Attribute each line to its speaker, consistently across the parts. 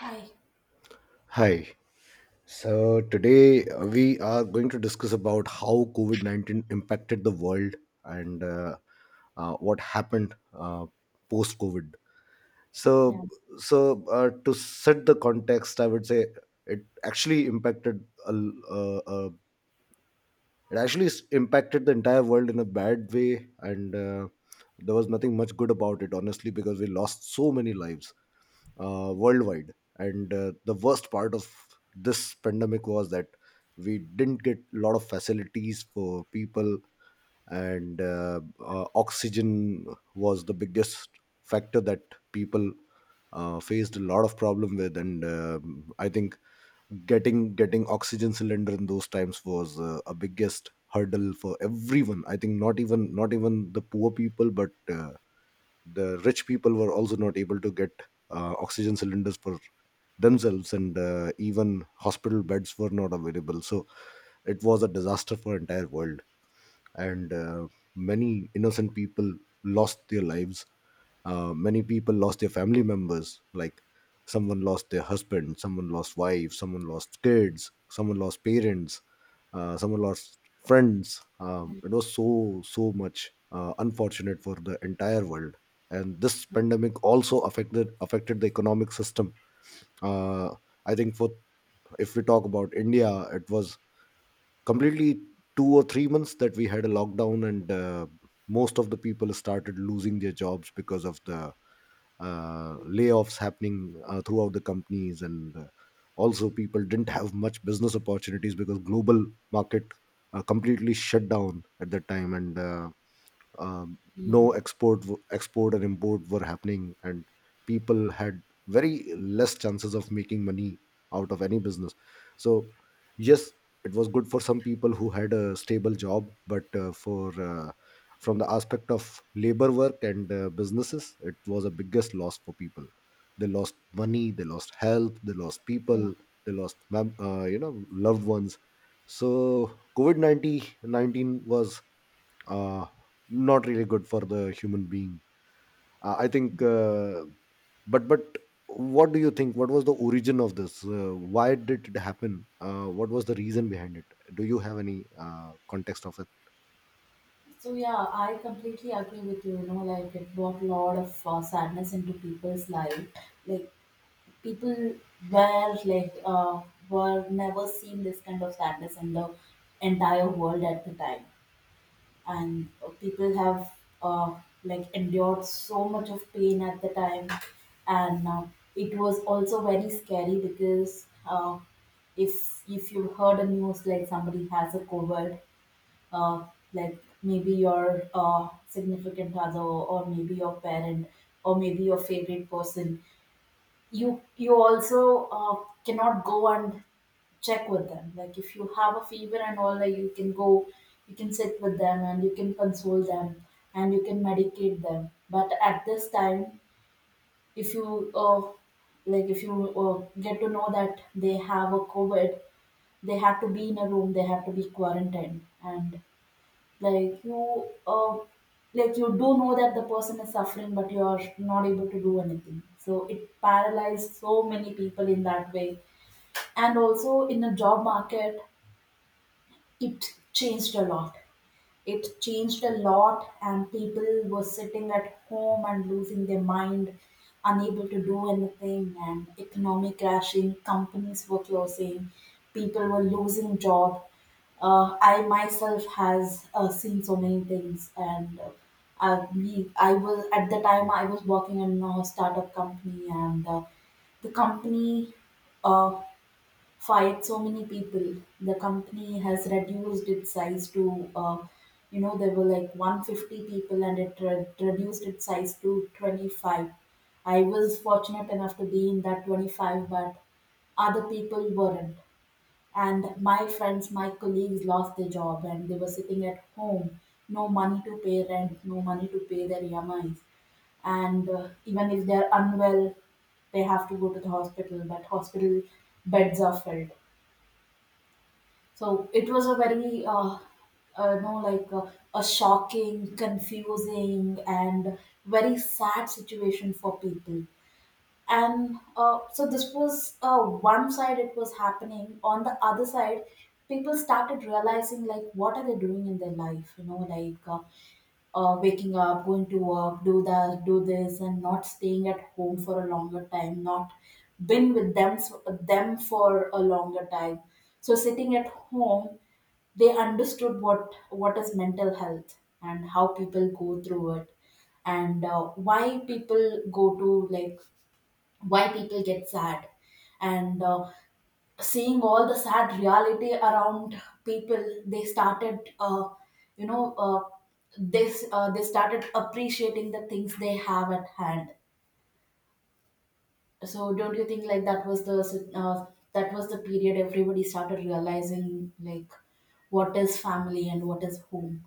Speaker 1: I
Speaker 2: Hi. So today we are going to discuss about how COVID-19 impacted the world and what happened post-COVID.
Speaker 1: yeah,
Speaker 2: So, so to set the context, I would say it actually impacted uh, it actually impacted the entire world in a bad way, and there was nothing much good about it, honestly, because we lost so many lives worldwide. And the worst part of this pandemic was that we didn't get a lot of facilities for people, and oxygen was the biggest factor that people faced a lot of problem with. And I think getting oxygen cylinder in those times was a biggest hurdle for everyone. I think not even the poor people, but the rich people were also not able to get oxygen cylinders for themselves and even hospital beds were not available, so it was a disaster for entire world and many innocent people lost their lives. Many people lost their family members. Like someone lost their husband, someone lost wife, someone lost kids, someone lost parents, someone lost friends.
Speaker 1: I-
Speaker 2: It was so much unfortunate for the entire world. And this pandemic also affected the economic system. Uh, I think for, if we talk about India, it was completely 2 or 3 months that we had a lockdown and most of the people started losing their jobs because of the layoffs happening throughout the companies, and also people didn't have much business opportunities because global market completely shut down at that time and um,
Speaker 1: yeah,
Speaker 2: no export export and import were happening, and people had very less chances of making money out of any business. So yes, it was good for some people who had a stable job, but for from the aspect of labor work and businesses, it was a biggest loss for people. They lost money, they lost health, they lost
Speaker 1: yeah.
Speaker 2: people, they lost you know, loved ones. So covid 19 was uh, not really good for the human being. I think, but what do you think? What was the origin of this? Why did it happen? What was the reason behind it? Do you have any context of it?
Speaker 1: So yeah, I completely agree with you. You know, like it brought a lot of sadness into people's life. Like people were like uh, were never seen this kind of sadness in the entire world at the time, and people have uh, like endured so much of pain at the time, and it was also very scary because if you heard the news like somebody has a COVID, uh, like maybe your significant other or maybe your parent or maybe your favorite person, you also cannot go and check with them. Like if you have a fever and all that, you can go, you can sit with them and you can console them and you can medicate them. But at this time, if you like if you get to know that they have a covid, they have to be in a room, they have to be quarantined, and like you, uh, like you do know that the person is suffering, but you are not able to do anything. So it paralyzed so many people in that way, and also in the job market, it changed a lot it changed a lot and people were sitting at home and losing their mind, unable to do anything, and economy crashing, companies were closing, people were losing job. I myself has seen so many things, and I was at the time I was working in a startup company, and the company uh, fired so many people. The company has reduced its size to, you know, there were like 150 people and it reduced its size to 25. I was fortunate enough to be in that 25, but other people weren't. And my friends, my colleagues lost their job and they were sitting at home, no money to pay rent, no money to pay their EMIs. And even if they're unwell, they have to go to the hospital, but hospital beds are filled. So it was a very, you know, like a shocking, confusing, and very sad situation for people. And so this was one side it was happening. On the other side, people started realizing like what are they doing in their life? You know, like waking up, going to work, do that, do this, and not staying at home for a longer time, not been with them for a longer time. So sitting at home, they understood what is mental health and how people go through it, and why people go to why people get sad, and seeing all the sad reality around people, they started you know this they started appreciating the things they have at hand. So don't you think like uh, that was the period everybody started realizing like what is family and what is home?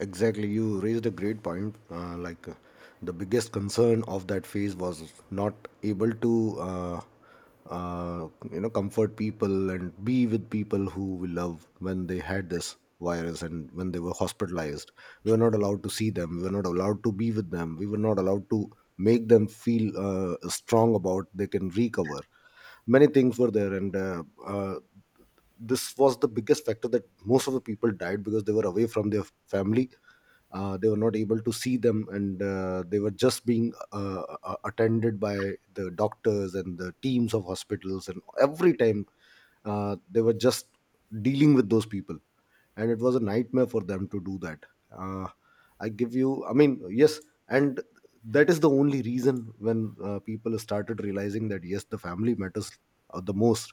Speaker 2: Exactly, you raised a great point. The biggest concern of that phase was not able to, you know, comfort people and be with people who we love when they had this virus and when they were hospitalized. We were not allowed to see them. We were not allowed to be with them. We were not allowed to make them feel strong about they can recover. Many things were there, and this was the biggest factor that most of the people died because they were away from their family. They were not able to see them, and they were just being attended by the doctors and the teams of hospitals, and every time they were just dealing with those people, and it was a nightmare for them to do that. Uh, I give you I mean Yes, and that is the only reason when people started realizing that yes, the family matters the most.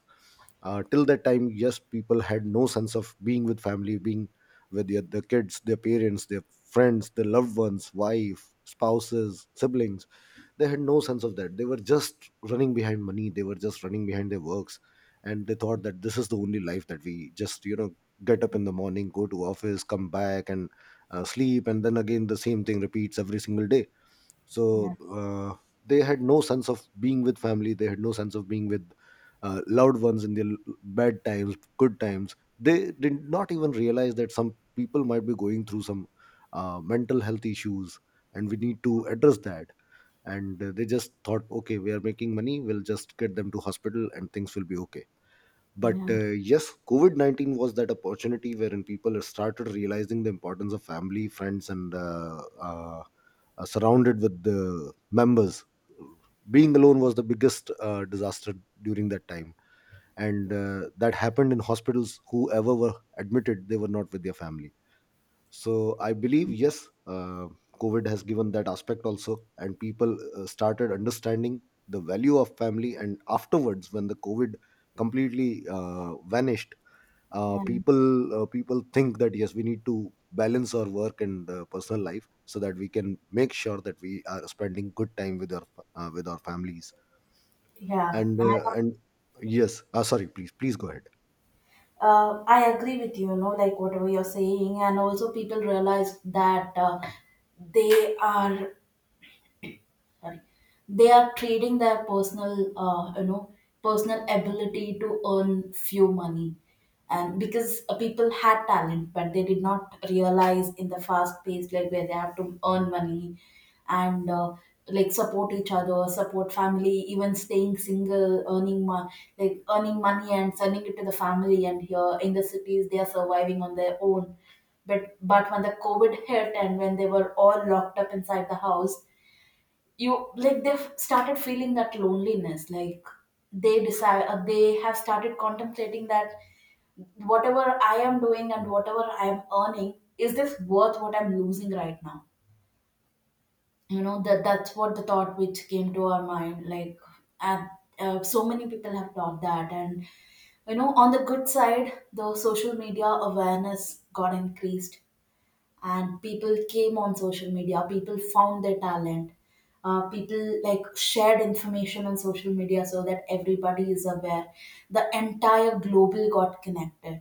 Speaker 2: Till that time, yes, people had no sense of being with family, being with their kids, their parents, their friends, their loved ones, wife, spouses, siblings. They had no sense of that. They were just running behind money. They were just running behind their works, and they thought that this is the only life that we just, you know, get up in the morning, go to office, come back, and sleep, and then again the same thing repeats every single day.
Speaker 1: Yeah
Speaker 2: So they had no sense of being with family, they had no sense of being with loved ones in their bad times, good times. They did not even realize that some people might be going through some mental health issues and we need to address that. And they just thought okay, we are making money, we'll just get them to hospital and things will be okay. But
Speaker 1: yeah
Speaker 2: yes, COVID 19 was that opportunity wherein people started realizing the importance of family, friends, and surrounded with the members. Being alone was the biggest disaster during that time. And that happened in hospitals. Whoever were admitted, they were not with their family. So I believe yes, COVID has given that aspect also, and people started understanding the value of family. And afterwards, when the COVID completely vanished,
Speaker 1: yeah,
Speaker 2: people think that yes, we need to balance our work and personal life so that we can make sure that we are spending good time with our families.
Speaker 1: yeah.
Speaker 2: And yes, sorry, please go ahead.
Speaker 1: I agree with you, you know, like whatever you're saying, and also people realize that they are Sorry. They are trading their personal, you know, personal ability to earn few money, and because people had talent, but they did not realize in the fast pace like where they have to earn money, and like support each other, support family, even staying single, like earning money and sending it to the family. And here in the cities, they are surviving on their own. But when the COVID hit and when they were all locked up inside the house, you like they've started feeling that loneliness. Like they have started contemplating that whatever I am doing and whatever I am earning, is this worth what I'm losing right now? You know, that's what the thought which came to our mind. Like and, so many people have taught that. And you know, on the good side, the social media awareness got increased and people came on social media, people found their talent, people like shared information on social media so that everybody is aware. The entire global got connected.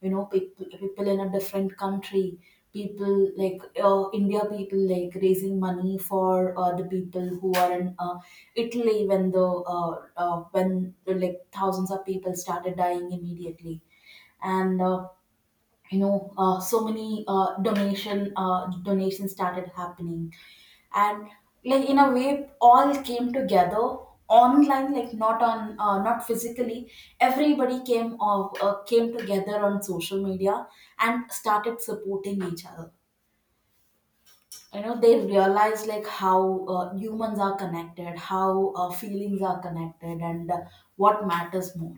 Speaker 1: You know, people in a different country, people like india, people like raising money for the people who are in italy when the uh, when like thousands of people started dying immediately. And you know, so many donation donations started happening, and like in a way all came together online, like not physically. Everybody came together on social media and started supporting each other. You know, they realized like how humans are connected, how feelings are connected, and what matters more.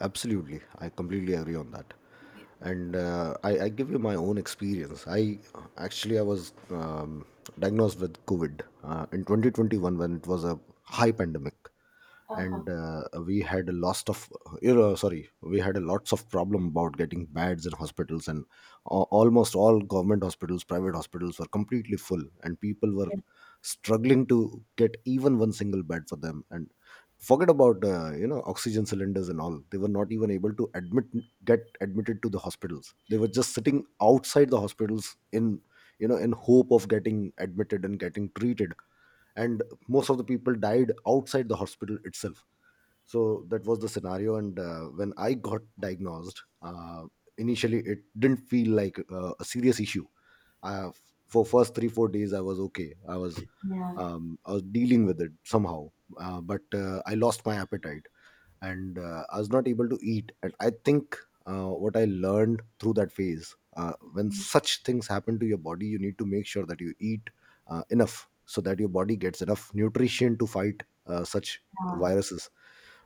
Speaker 2: Absolutely, I completely agree on that.
Speaker 1: Yeah.
Speaker 2: And I give you my own experience. I actually i was diagnosed with covid in 2021 when it was a high pandemic.
Speaker 1: Uh-huh.
Speaker 2: And we had a lot of, you know, sorry, we had a lots of problem about getting beds in hospitals, and almost all government hospitals, private hospitals were completely full, and people were struggling to get even one single bed for them. And forget about you know, oxygen cylinders and all. They were not even able to admit get admitted to the hospitals. They were just sitting outside the hospitals in, you know, in hope of getting admitted and getting treated, and most of the people died outside the hospital itself. So that was the scenario. And when I got diagnosed, initially it didn't feel like a serious issue. uh, for first 3 4 days, I was okay. i was
Speaker 1: Yeah,
Speaker 2: um, i was dealing with it somehow. Uh, but uh, i lost my appetite, and I was not able to eat. And I think what I learned through that phase, when such things happen to your body, you need to make sure that you eat enough so that your body gets enough nutrition to fight such
Speaker 1: yeah,
Speaker 2: viruses.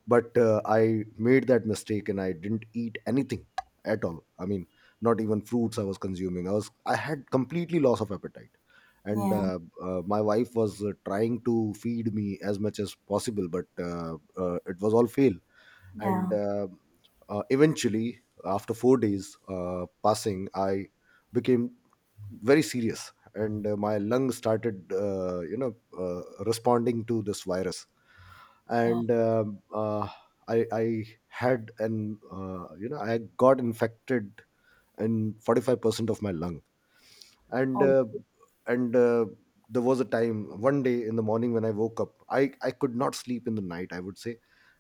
Speaker 2: But I made that mistake and I didn't eat anything at all. I mean, not even fruits I was consuming. I had completely loss of appetite. And
Speaker 1: yeah,
Speaker 2: my wife was trying to feed me as much as possible, but it was all fail. And
Speaker 1: yeah.
Speaker 2: eventually after 4 days passing, I became very serious, and my lung started, you know, responding to this virus.
Speaker 1: Oh,
Speaker 2: And I had an you know, I got infected in 45% of my lung. and
Speaker 1: oh,
Speaker 2: uh, and uh, there was a time one day in the morning when I woke up. I could not sleep in the night, I would say.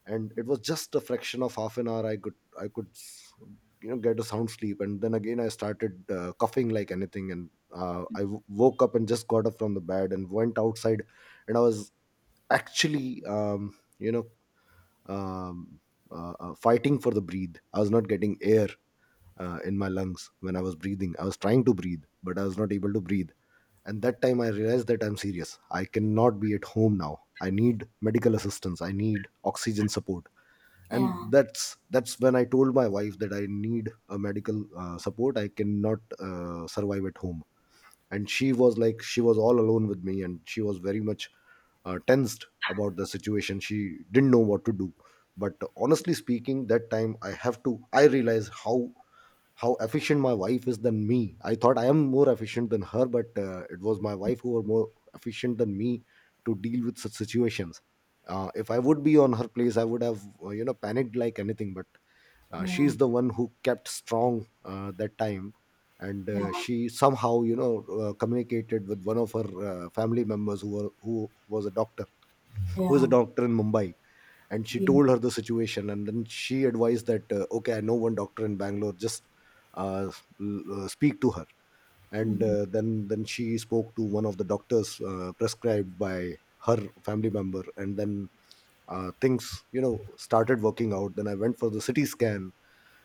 Speaker 2: And it was just a fraction of half an hour I could you know, get a sound sleep, and then again I started coughing like anything. And woke up and just got up from the bed and went outside, and I was actually, you know, um, fighting for the breathe. I was not getting air in my lungs. When I was breathing, I was trying to breathe, but I was not able to breathe. And that time I realized that I'm serious. I cannot be at home now. I need medical assistance. I need oxygen support. And
Speaker 1: yeah.
Speaker 2: that's when I told my wife that I need a medical support. I cannot survive at home. And she was like, she was all alone with me, and she was very much tensed about the situation. She didn't know what to do. But honestly speaking, that time I have to. I realized how efficient my wife is than me. I thought I am more efficient than her, but it was my wife who were more efficient than me to deal with such situations. If I would be on her place, I would have you know, panicked like anything. But
Speaker 1: Yeah,
Speaker 2: she's the one who kept strong that time, and
Speaker 1: yeah,
Speaker 2: she somehow communicated with one of her family members who was a doctor, who is
Speaker 1: yeah,
Speaker 2: a doctor in Mumbai. And she
Speaker 1: yeah.
Speaker 2: told her the situation, and then she advised that okay, I know one doctor in Bangalore. Just uh, speak to her. And
Speaker 1: Mhm,
Speaker 2: then she spoke to one of the doctors prescribed by her family member, and then things started working out. Then I went for the CT scan,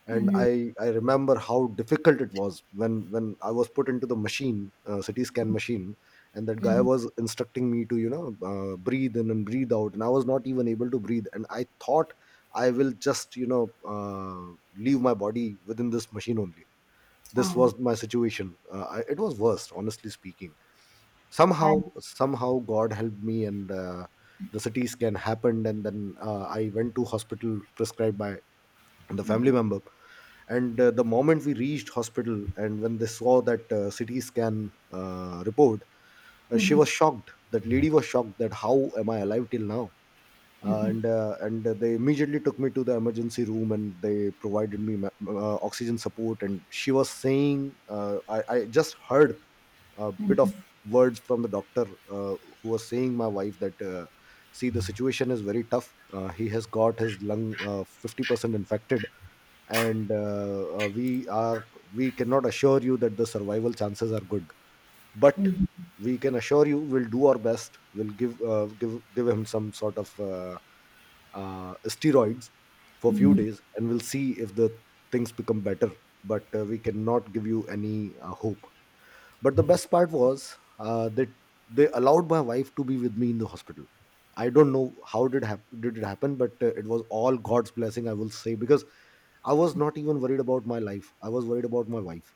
Speaker 2: and
Speaker 1: mhm,
Speaker 2: I remember how difficult it was when I was put into the machine, CT scan machine. And that guy
Speaker 1: mhm.
Speaker 2: was instructing me to breathe in and breathe out, and I was not even able to breathe, and I thought I will just uh, leave my body within this machine only. This
Speaker 1: Oh,
Speaker 2: was my situation. It was worst, honestly speaking.
Speaker 1: I
Speaker 2: Somehow God helped me, and the CT scan happened, and then I went to hospital prescribed by the family
Speaker 1: mhm,
Speaker 2: member. And the moment we reached hospital and when they saw that CT scan report, she
Speaker 1: mhm,
Speaker 2: was shocked. That lady was shocked that how am I alive till now.
Speaker 1: mhm,
Speaker 2: And They immediately took me to the emergency room, and they provided me oxygen support. And she was saying, I just heard a bit of
Speaker 1: mhm,
Speaker 2: words from the doctor who was saying my wife that, see, the situation is very tough. He has got his lung 50% infected, and we are, we cannot assure you that the survival chances are good, but
Speaker 1: mhm,
Speaker 2: we can assure you we'll do our best. We'll give give him some sort of steroids for a few
Speaker 1: mhm.
Speaker 2: days, and we'll see if the things become better. But we cannot give you any hope. But the best part was that they allowed my wife to be with me in the hospital. I don't know how did it happen, but it was all God's blessing, I will say, because I was not even worried about my life. I was worried about my wife,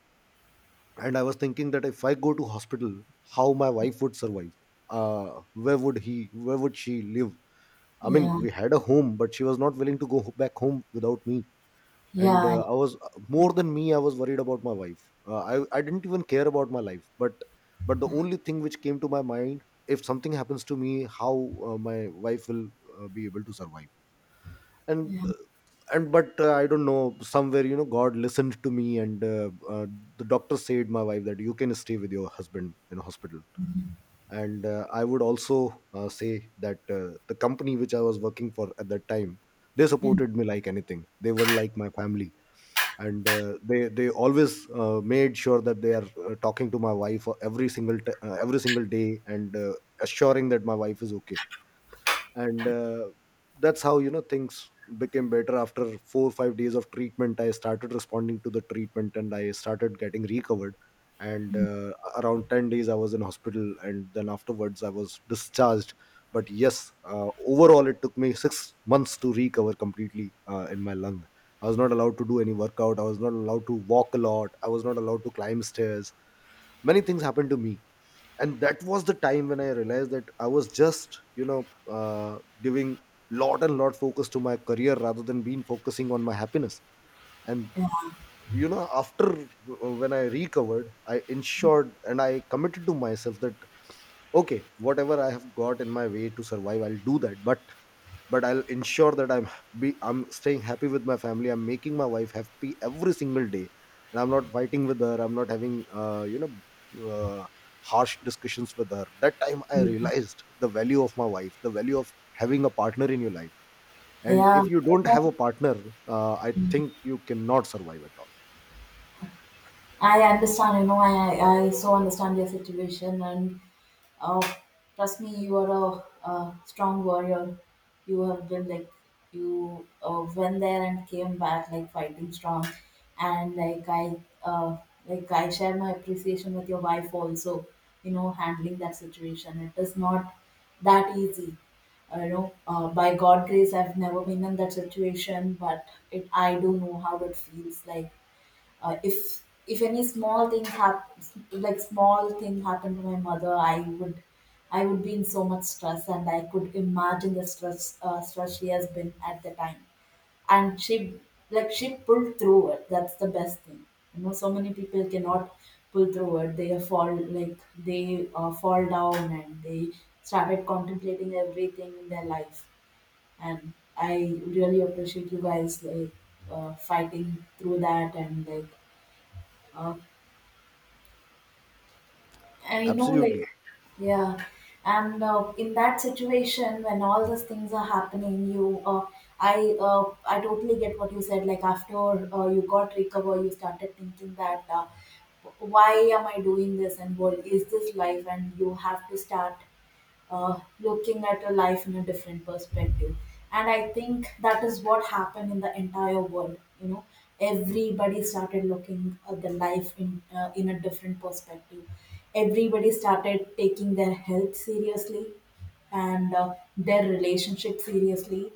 Speaker 2: and I was thinking that if I go to hospital, how my wife would survive. Where would he? Where would she live? I mean,
Speaker 1: Yeah,
Speaker 2: we had a home, but she was not willing to go back home without me. And
Speaker 1: yeah,
Speaker 2: I was, more than me, I was worried about my wife. I didn't even care about my life, but the only thing which came to my mind, if something happens to me, how my wife will be able to survive. And
Speaker 1: yeah.
Speaker 2: uh, and but I don't know, somewhere God listened to me, and the doctor said my wife that you can stay with your husband in hospital. And I would also say that the company which I was working for at that time, they
Speaker 1: Mhm,
Speaker 2: supported me like anything. They were like my family. And they always made sure that they are talking to my wife every single every single day and assuring that my wife is okay. And that's how things became better. After 4 or 5 days of treatment, I started responding to the treatment, and I started getting recovered. And around 10 days I was in hospital, and then afterwards I was discharged. But yes, overall, it took me 6 months to recover completely in my lung. I was not allowed to do any workout. I was not allowed to walk a lot. I was not allowed to climb stairs. Many things happened to me. And that was the time when I realized that I was just uh, giving lot and lot focus to my career rather than being focusing on my happiness. And after, when I recovered, I ensured and I committed to myself that, okay, whatever I have got in my way to survive, I'll do that. But I'll ensure that I'm staying happy with my family, I'm making my wife happy every single day, and I'm not fighting with her, I'm not having harsh discussions with her. That time I
Speaker 1: mhm.
Speaker 2: realized the value of my wife, the value of having a partner in your life. And
Speaker 1: Yeah,
Speaker 2: if
Speaker 1: you
Speaker 2: you don't
Speaker 1: know,
Speaker 2: have a partner, I
Speaker 1: mm.
Speaker 2: think you cannot survive at all.
Speaker 1: I understand, you know, I so understand your situation, and Oh, trust me, you are a strong warrior. You have been like you went there and came back like fighting strong, and uh, like I share my appreciation with your wife also. You know, handling that situation it is not that easy. You know, by God grace, I've never been in that situation, but it I do know how it feels like. If any small thing hap like small thing happened to my mother, I would be in so much stress and I could imagine the stress she has been at the time. And she like she pulled through it, that's the best thing. You know, so many people cannot pull through it, they fall like they fall down, and they started contemplating everything in their life. And I really appreciate you guys like fighting through that and like uh, I know,
Speaker 2: Absolutely.
Speaker 1: like, yeah. And in that situation, when all these things are happening, I totally get what you said. Like after you got recover, you started thinking that why am I doing this, and what is this life? And you have to start looking at your life in a different perspective. And I think that is what happened in the entire world. You know, everybody started looking at the life in a different perspective. Everybody started taking their health seriously, and their relationship seriously,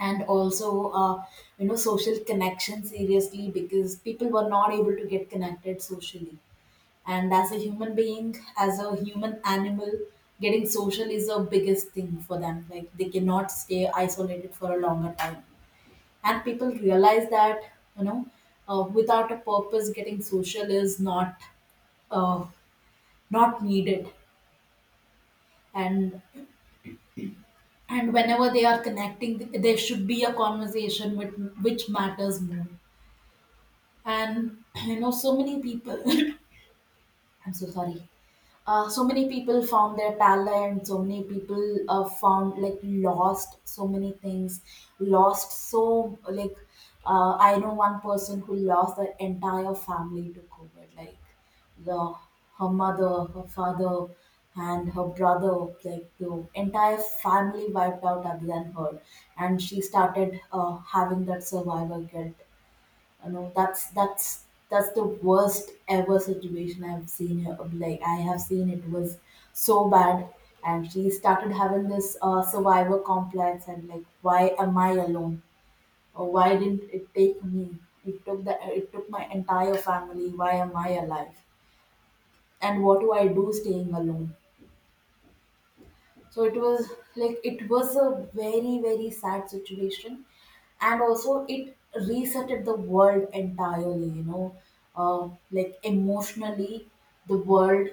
Speaker 1: and also you know social connection seriously, because people were not able to get connected socially. And as a human being, as a human animal, getting social is the biggest thing for them. Like they cannot stay isolated for a longer time, and people realize that, you know, without a purpose, getting social is not uh, not needed. and and whenever they are connecting, there should be a conversation with which matters more. And you know, so many people I'm so sorry. So many people found their talent, so many people found lost so many things, lost so like I know one person who lost the entire family to covid. Like the her mother, her father, and her brother, like the entire family wiped out other than her. And she started having that survivor guilt. You know, that's the worst ever situation I've seen here. Like I have seen, it was so bad. And she started having this survivor complex, and like why am I alone, or why didn't it take me, it took my entire family, why am I alive, and what do I do staying alone? So it was it was a very, very sad situation. And also, it resetted the world entirely, you know, uh, like emotionally, the world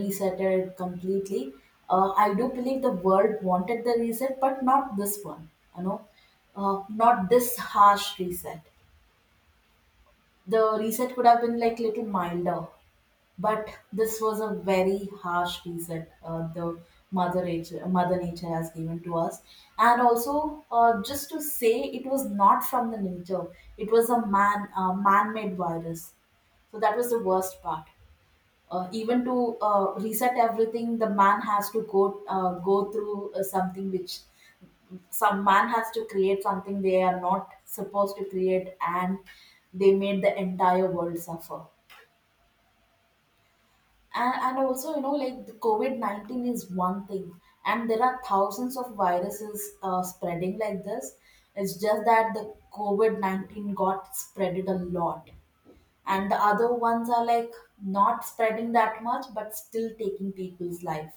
Speaker 1: resetted completely. I do believe the world wanted the reset, but not this one, you know, not this harsh reset. The reset could have been like little milder, but this was a very harsh reset the mother nature has given to us. And also, just to say, it was not from the nature; it was a man-made virus. So that was the worst part. Even to reset everything, the man has to go through something which some man has to create, something they are not supposed to create, and they made the entire world suffer. And also, you know, like the COVID 19 is one thing, and there are thousands of viruses spreading like this. It's just that the COVID 19 got spreaded a lot, and the other ones are like not spreading that much but still taking people's life.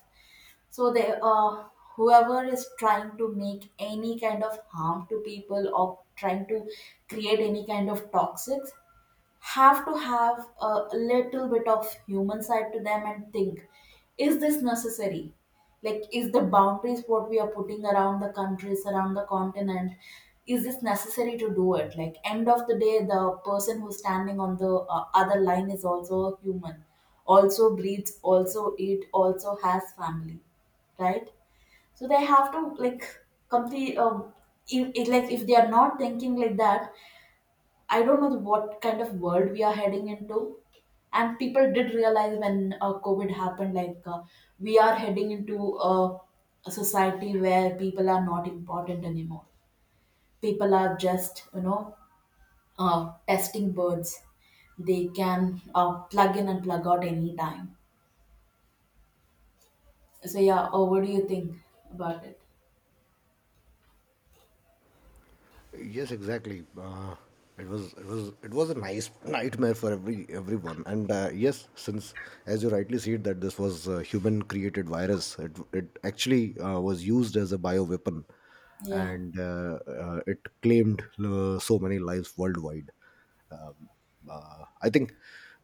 Speaker 1: So, they, whoever is trying to make any kind of harm to people or trying to create any kind of toxics have to have a little bit of human side to them and think, is this necessary? Like, is the boundaries what we are putting around the countries, around the continent, is this necessary to do it? Like, end of the day, the person who's standing on the other line is also a human, also breathes, also eat, also has family, right? So they have to like complete. Like, if they are not thinking like that, I don't know what kind of world we are heading into. And people did realize when COVID happened, like, we are heading into a society where people are not important anymore. People are just, testing birds. They can plug in and plug out anytime. So, yeah, what do you think about it?
Speaker 2: Yes, exactly. It was it was a nice nightmare for everyone. And yes, since, as you rightly said, that this was a human created virus, it actually was used as a bioweapon,
Speaker 1: Yeah,
Speaker 2: and it claimed so many lives worldwide. Um, I think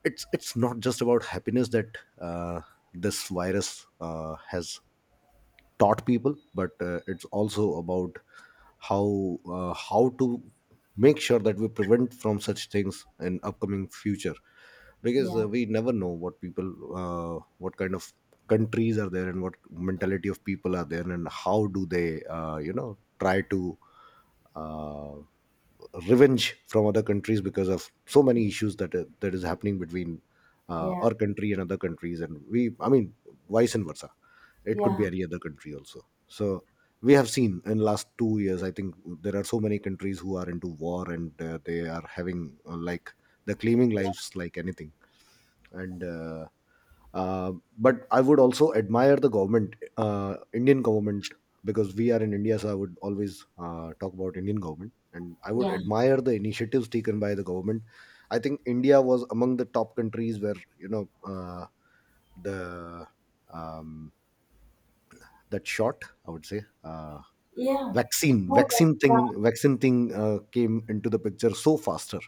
Speaker 2: it's not just about happiness that this virus has taught people, but it's also about how to make sure that we prevent from such things in upcoming future. Because
Speaker 1: yeah,
Speaker 2: we never know what people, what kind of countries are there and what mentality of people are there, and how do they try to uh, revenge from other countries because of so many issues that that is happening between
Speaker 1: yeah,
Speaker 2: our country and other countries. And we, I mean, vice and versa, it could
Speaker 1: yeah,
Speaker 2: be any other country also. So we have seen in last 2 years, I think, there are so many countries who are into war, and they are having uh, like they're claiming lives like anything. And uh, but I would also admire the government, Indian government. Because we are in India, so I would always talk about Indian government, and I would
Speaker 1: yeah,
Speaker 2: admire the initiatives taken by the government. I think India was among the top countries where the um, that shot, I would say,
Speaker 1: yeah.
Speaker 2: vaccine
Speaker 1: No,
Speaker 2: vaccine thing
Speaker 1: like,
Speaker 2: vaccine thing came into the picture so faster.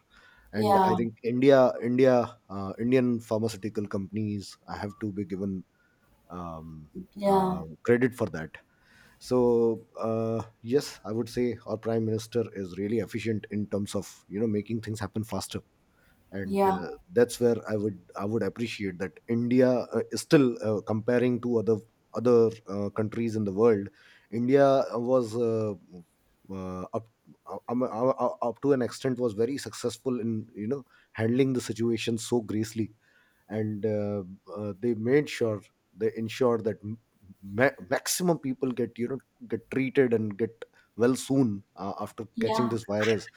Speaker 2: And I
Speaker 1: yeah,
Speaker 2: think India, Indian pharmaceutical companies, have to be given um,
Speaker 1: yeah,
Speaker 2: credit for that. So yes, I would say our prime minister is really efficient in terms of making things happen faster. And
Speaker 1: yeah,
Speaker 2: that's where I would appreciate that India is still comparing to other countries in the world. India was, uh, up up to an extent, was very successful in handling the situation so gracefully. And they made sure, they ensure that maximum people get get treated and get well soon after catching
Speaker 1: yeah,
Speaker 2: this virus.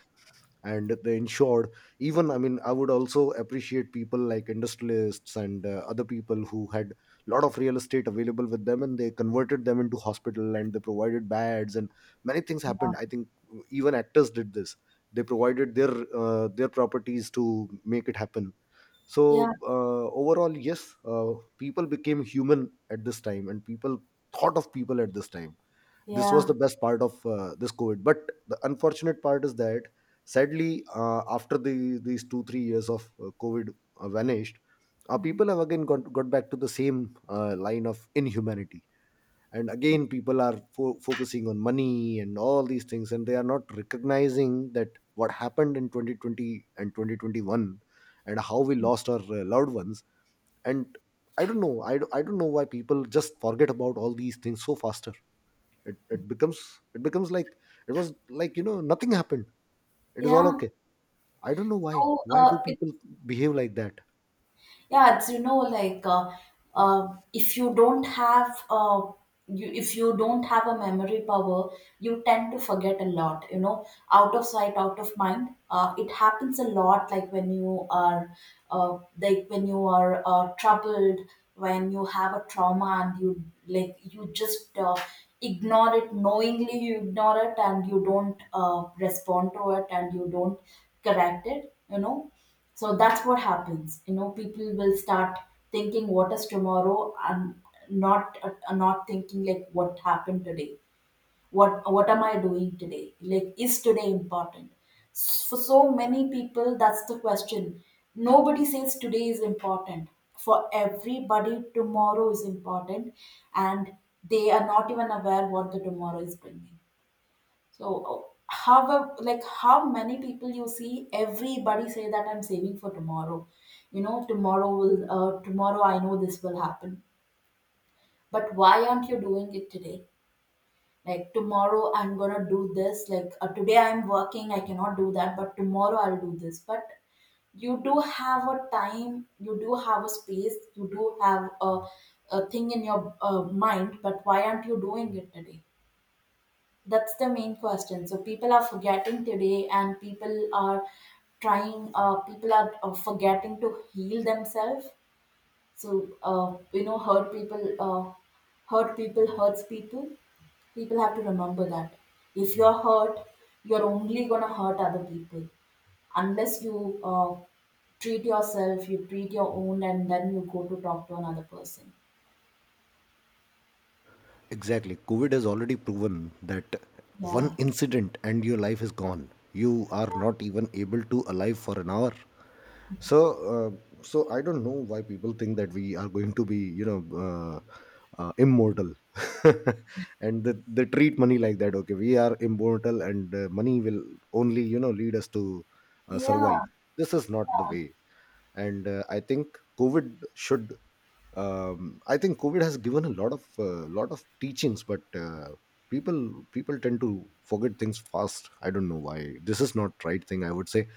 Speaker 2: And they ensured, even, I mean, I would also appreciate people like industrialists and other people who had lot of real estate available with them, and they converted them into hospital, and they provided beds, and many things happened,
Speaker 1: yeah.
Speaker 2: I think. Even actors did this. They provided their properties to make it happen.
Speaker 1: Yeah,
Speaker 2: So overall, yes, people became human at this time, and people thought of people at this time. This was the
Speaker 1: yeah.
Speaker 2: best part of this COVID. But the unfortunate part is that, sadly, after the these 2 3 years of COVID vanished,
Speaker 1: Mhm.
Speaker 2: people have again got back to the same line of inhumanity. And again, people are focusing on money and all these things, and they are not recognizing that what happened in 2020 and 2021, and how we lost our loved ones. And I don't know, I don't know why people just forget about all these things so faster. It becomes, it becomes like it was like nothing happened, it is all
Speaker 1: Yeah.
Speaker 2: okay. I don't know
Speaker 1: So,
Speaker 2: why do
Speaker 1: it
Speaker 2: people behave like that.
Speaker 1: yeah, it's like if you don't have you if you don't have a memory power, you tend to forget a lot, out of sight, out of mind. It happens a lot like when you are like when you are troubled, when you have a trauma and you like you just ignore it, knowingly you ignore it, and you don't respond to it and you don't correct it, so that's what happens. You know, people will start thinking, "What is tomorrow?" I'm not not thinking like what happened today. What am I doing today? Like, is today important? For so many people, that's the question. Nobody says today is important. For everybody, tomorrow is important, and they are not even aware what the tomorrow is bringing. So, however, like how many people you see, everybody say that I'm saving for tomorrow. You know, tomorrow will, tomorrow I know this will happen. But why aren't you doing it today? Like, tomorrow I'm gonna do this. Like, today I'm working, I cannot do that. But tomorrow I'll do this. But you do have a time, you do have a space, you do have a thing in your mind. But why aren't you doing it today? That's the main question. So people are forgetting today, and people are trying. People are forgetting to heal themselves. So, you know, hurt people. Hurt people hurts people. People have to remember that. If you're hurt, you're only gonna hurt other people unless you treat yourself. You treat your own, and then you go to talk to another person.
Speaker 2: Exactly. COVID has already proven that one
Speaker 1: Yeah.
Speaker 2: incident and your life is gone. You are not even able to alive for an hour. So, so I don't know why people think that we are going to be, immortal. And they treat money like that. Okay, we are immortal, and money will only, lead us to survive.
Speaker 1: Yeah.
Speaker 2: This is not the way. And I think COVID should, I think COVID has given a lot of teachings, but people tend to forget things fast. I don't know why. This is not right thing, I would say.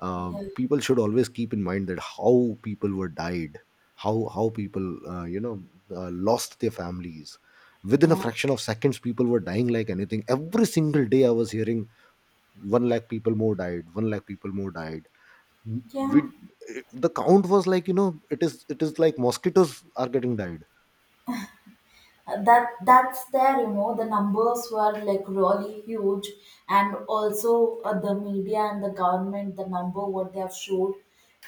Speaker 1: Yeah.
Speaker 2: People should always keep in mind that how people were died, how people lost their families. Within a
Speaker 1: Yeah.
Speaker 2: fraction of seconds, people were dying like anything. Every single day I was hearing one lakh people more died, one lakh people more died.
Speaker 1: Yeah.
Speaker 2: We The count was like, it is like mosquitoes are getting died.
Speaker 1: That's there, you know, the numbers were like really huge, and also the media and the government, the number what they have showed,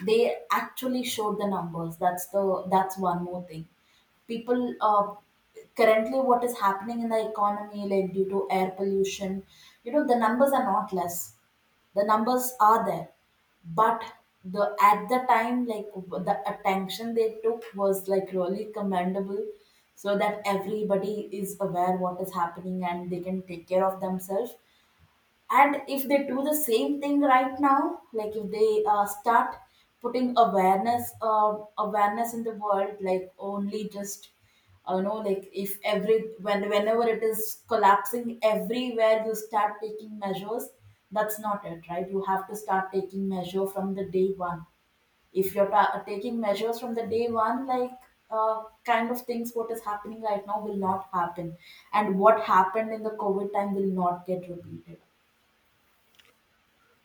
Speaker 1: they actually showed the numbers. That's the that's one more thing. People, currently what is happening in the economy, like, due to air pollution, you know the numbers are not less. The numbers are there, but the, at the time, like, the attention they took was like really commendable, so that everybody is aware what is happening and they can take care of themselves. And if they do the same thing right now, like if they start putting awareness, in the world, like, only just you know, like if every when whenever it is collapsing everywhere you start taking measures, that's not it, right? You have to start taking measure from the day one. If you're taking measures from the day one, like, kind of things what is happening right now will not happen, and what happened in the COVID time will not get repeated.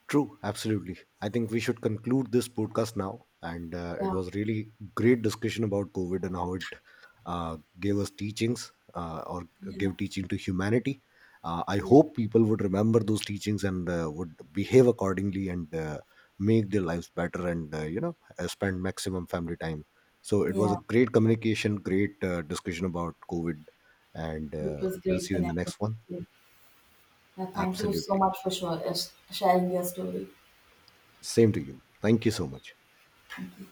Speaker 2: True, absolutely. I think we should conclude this podcast now. And it
Speaker 1: Yeah.
Speaker 2: was really great discussion about COVID and how it gave us teachings or
Speaker 1: Yeah,
Speaker 2: gave teaching to humanity. I
Speaker 1: yeah,
Speaker 2: hope people would remember those teachings and would behave accordingly, and make their lives better, and spend maximum family time. So it was a
Speaker 1: yeah.
Speaker 2: great communication, great discussion about COVID, and
Speaker 1: It was
Speaker 2: we'll
Speaker 1: great
Speaker 2: see you in the
Speaker 1: connecting
Speaker 2: next one.
Speaker 1: with you. Thank you so
Speaker 2: Absolutely.
Speaker 1: much for sure, sharing your story.
Speaker 2: Same to you. Thank you so much.
Speaker 1: Thank you.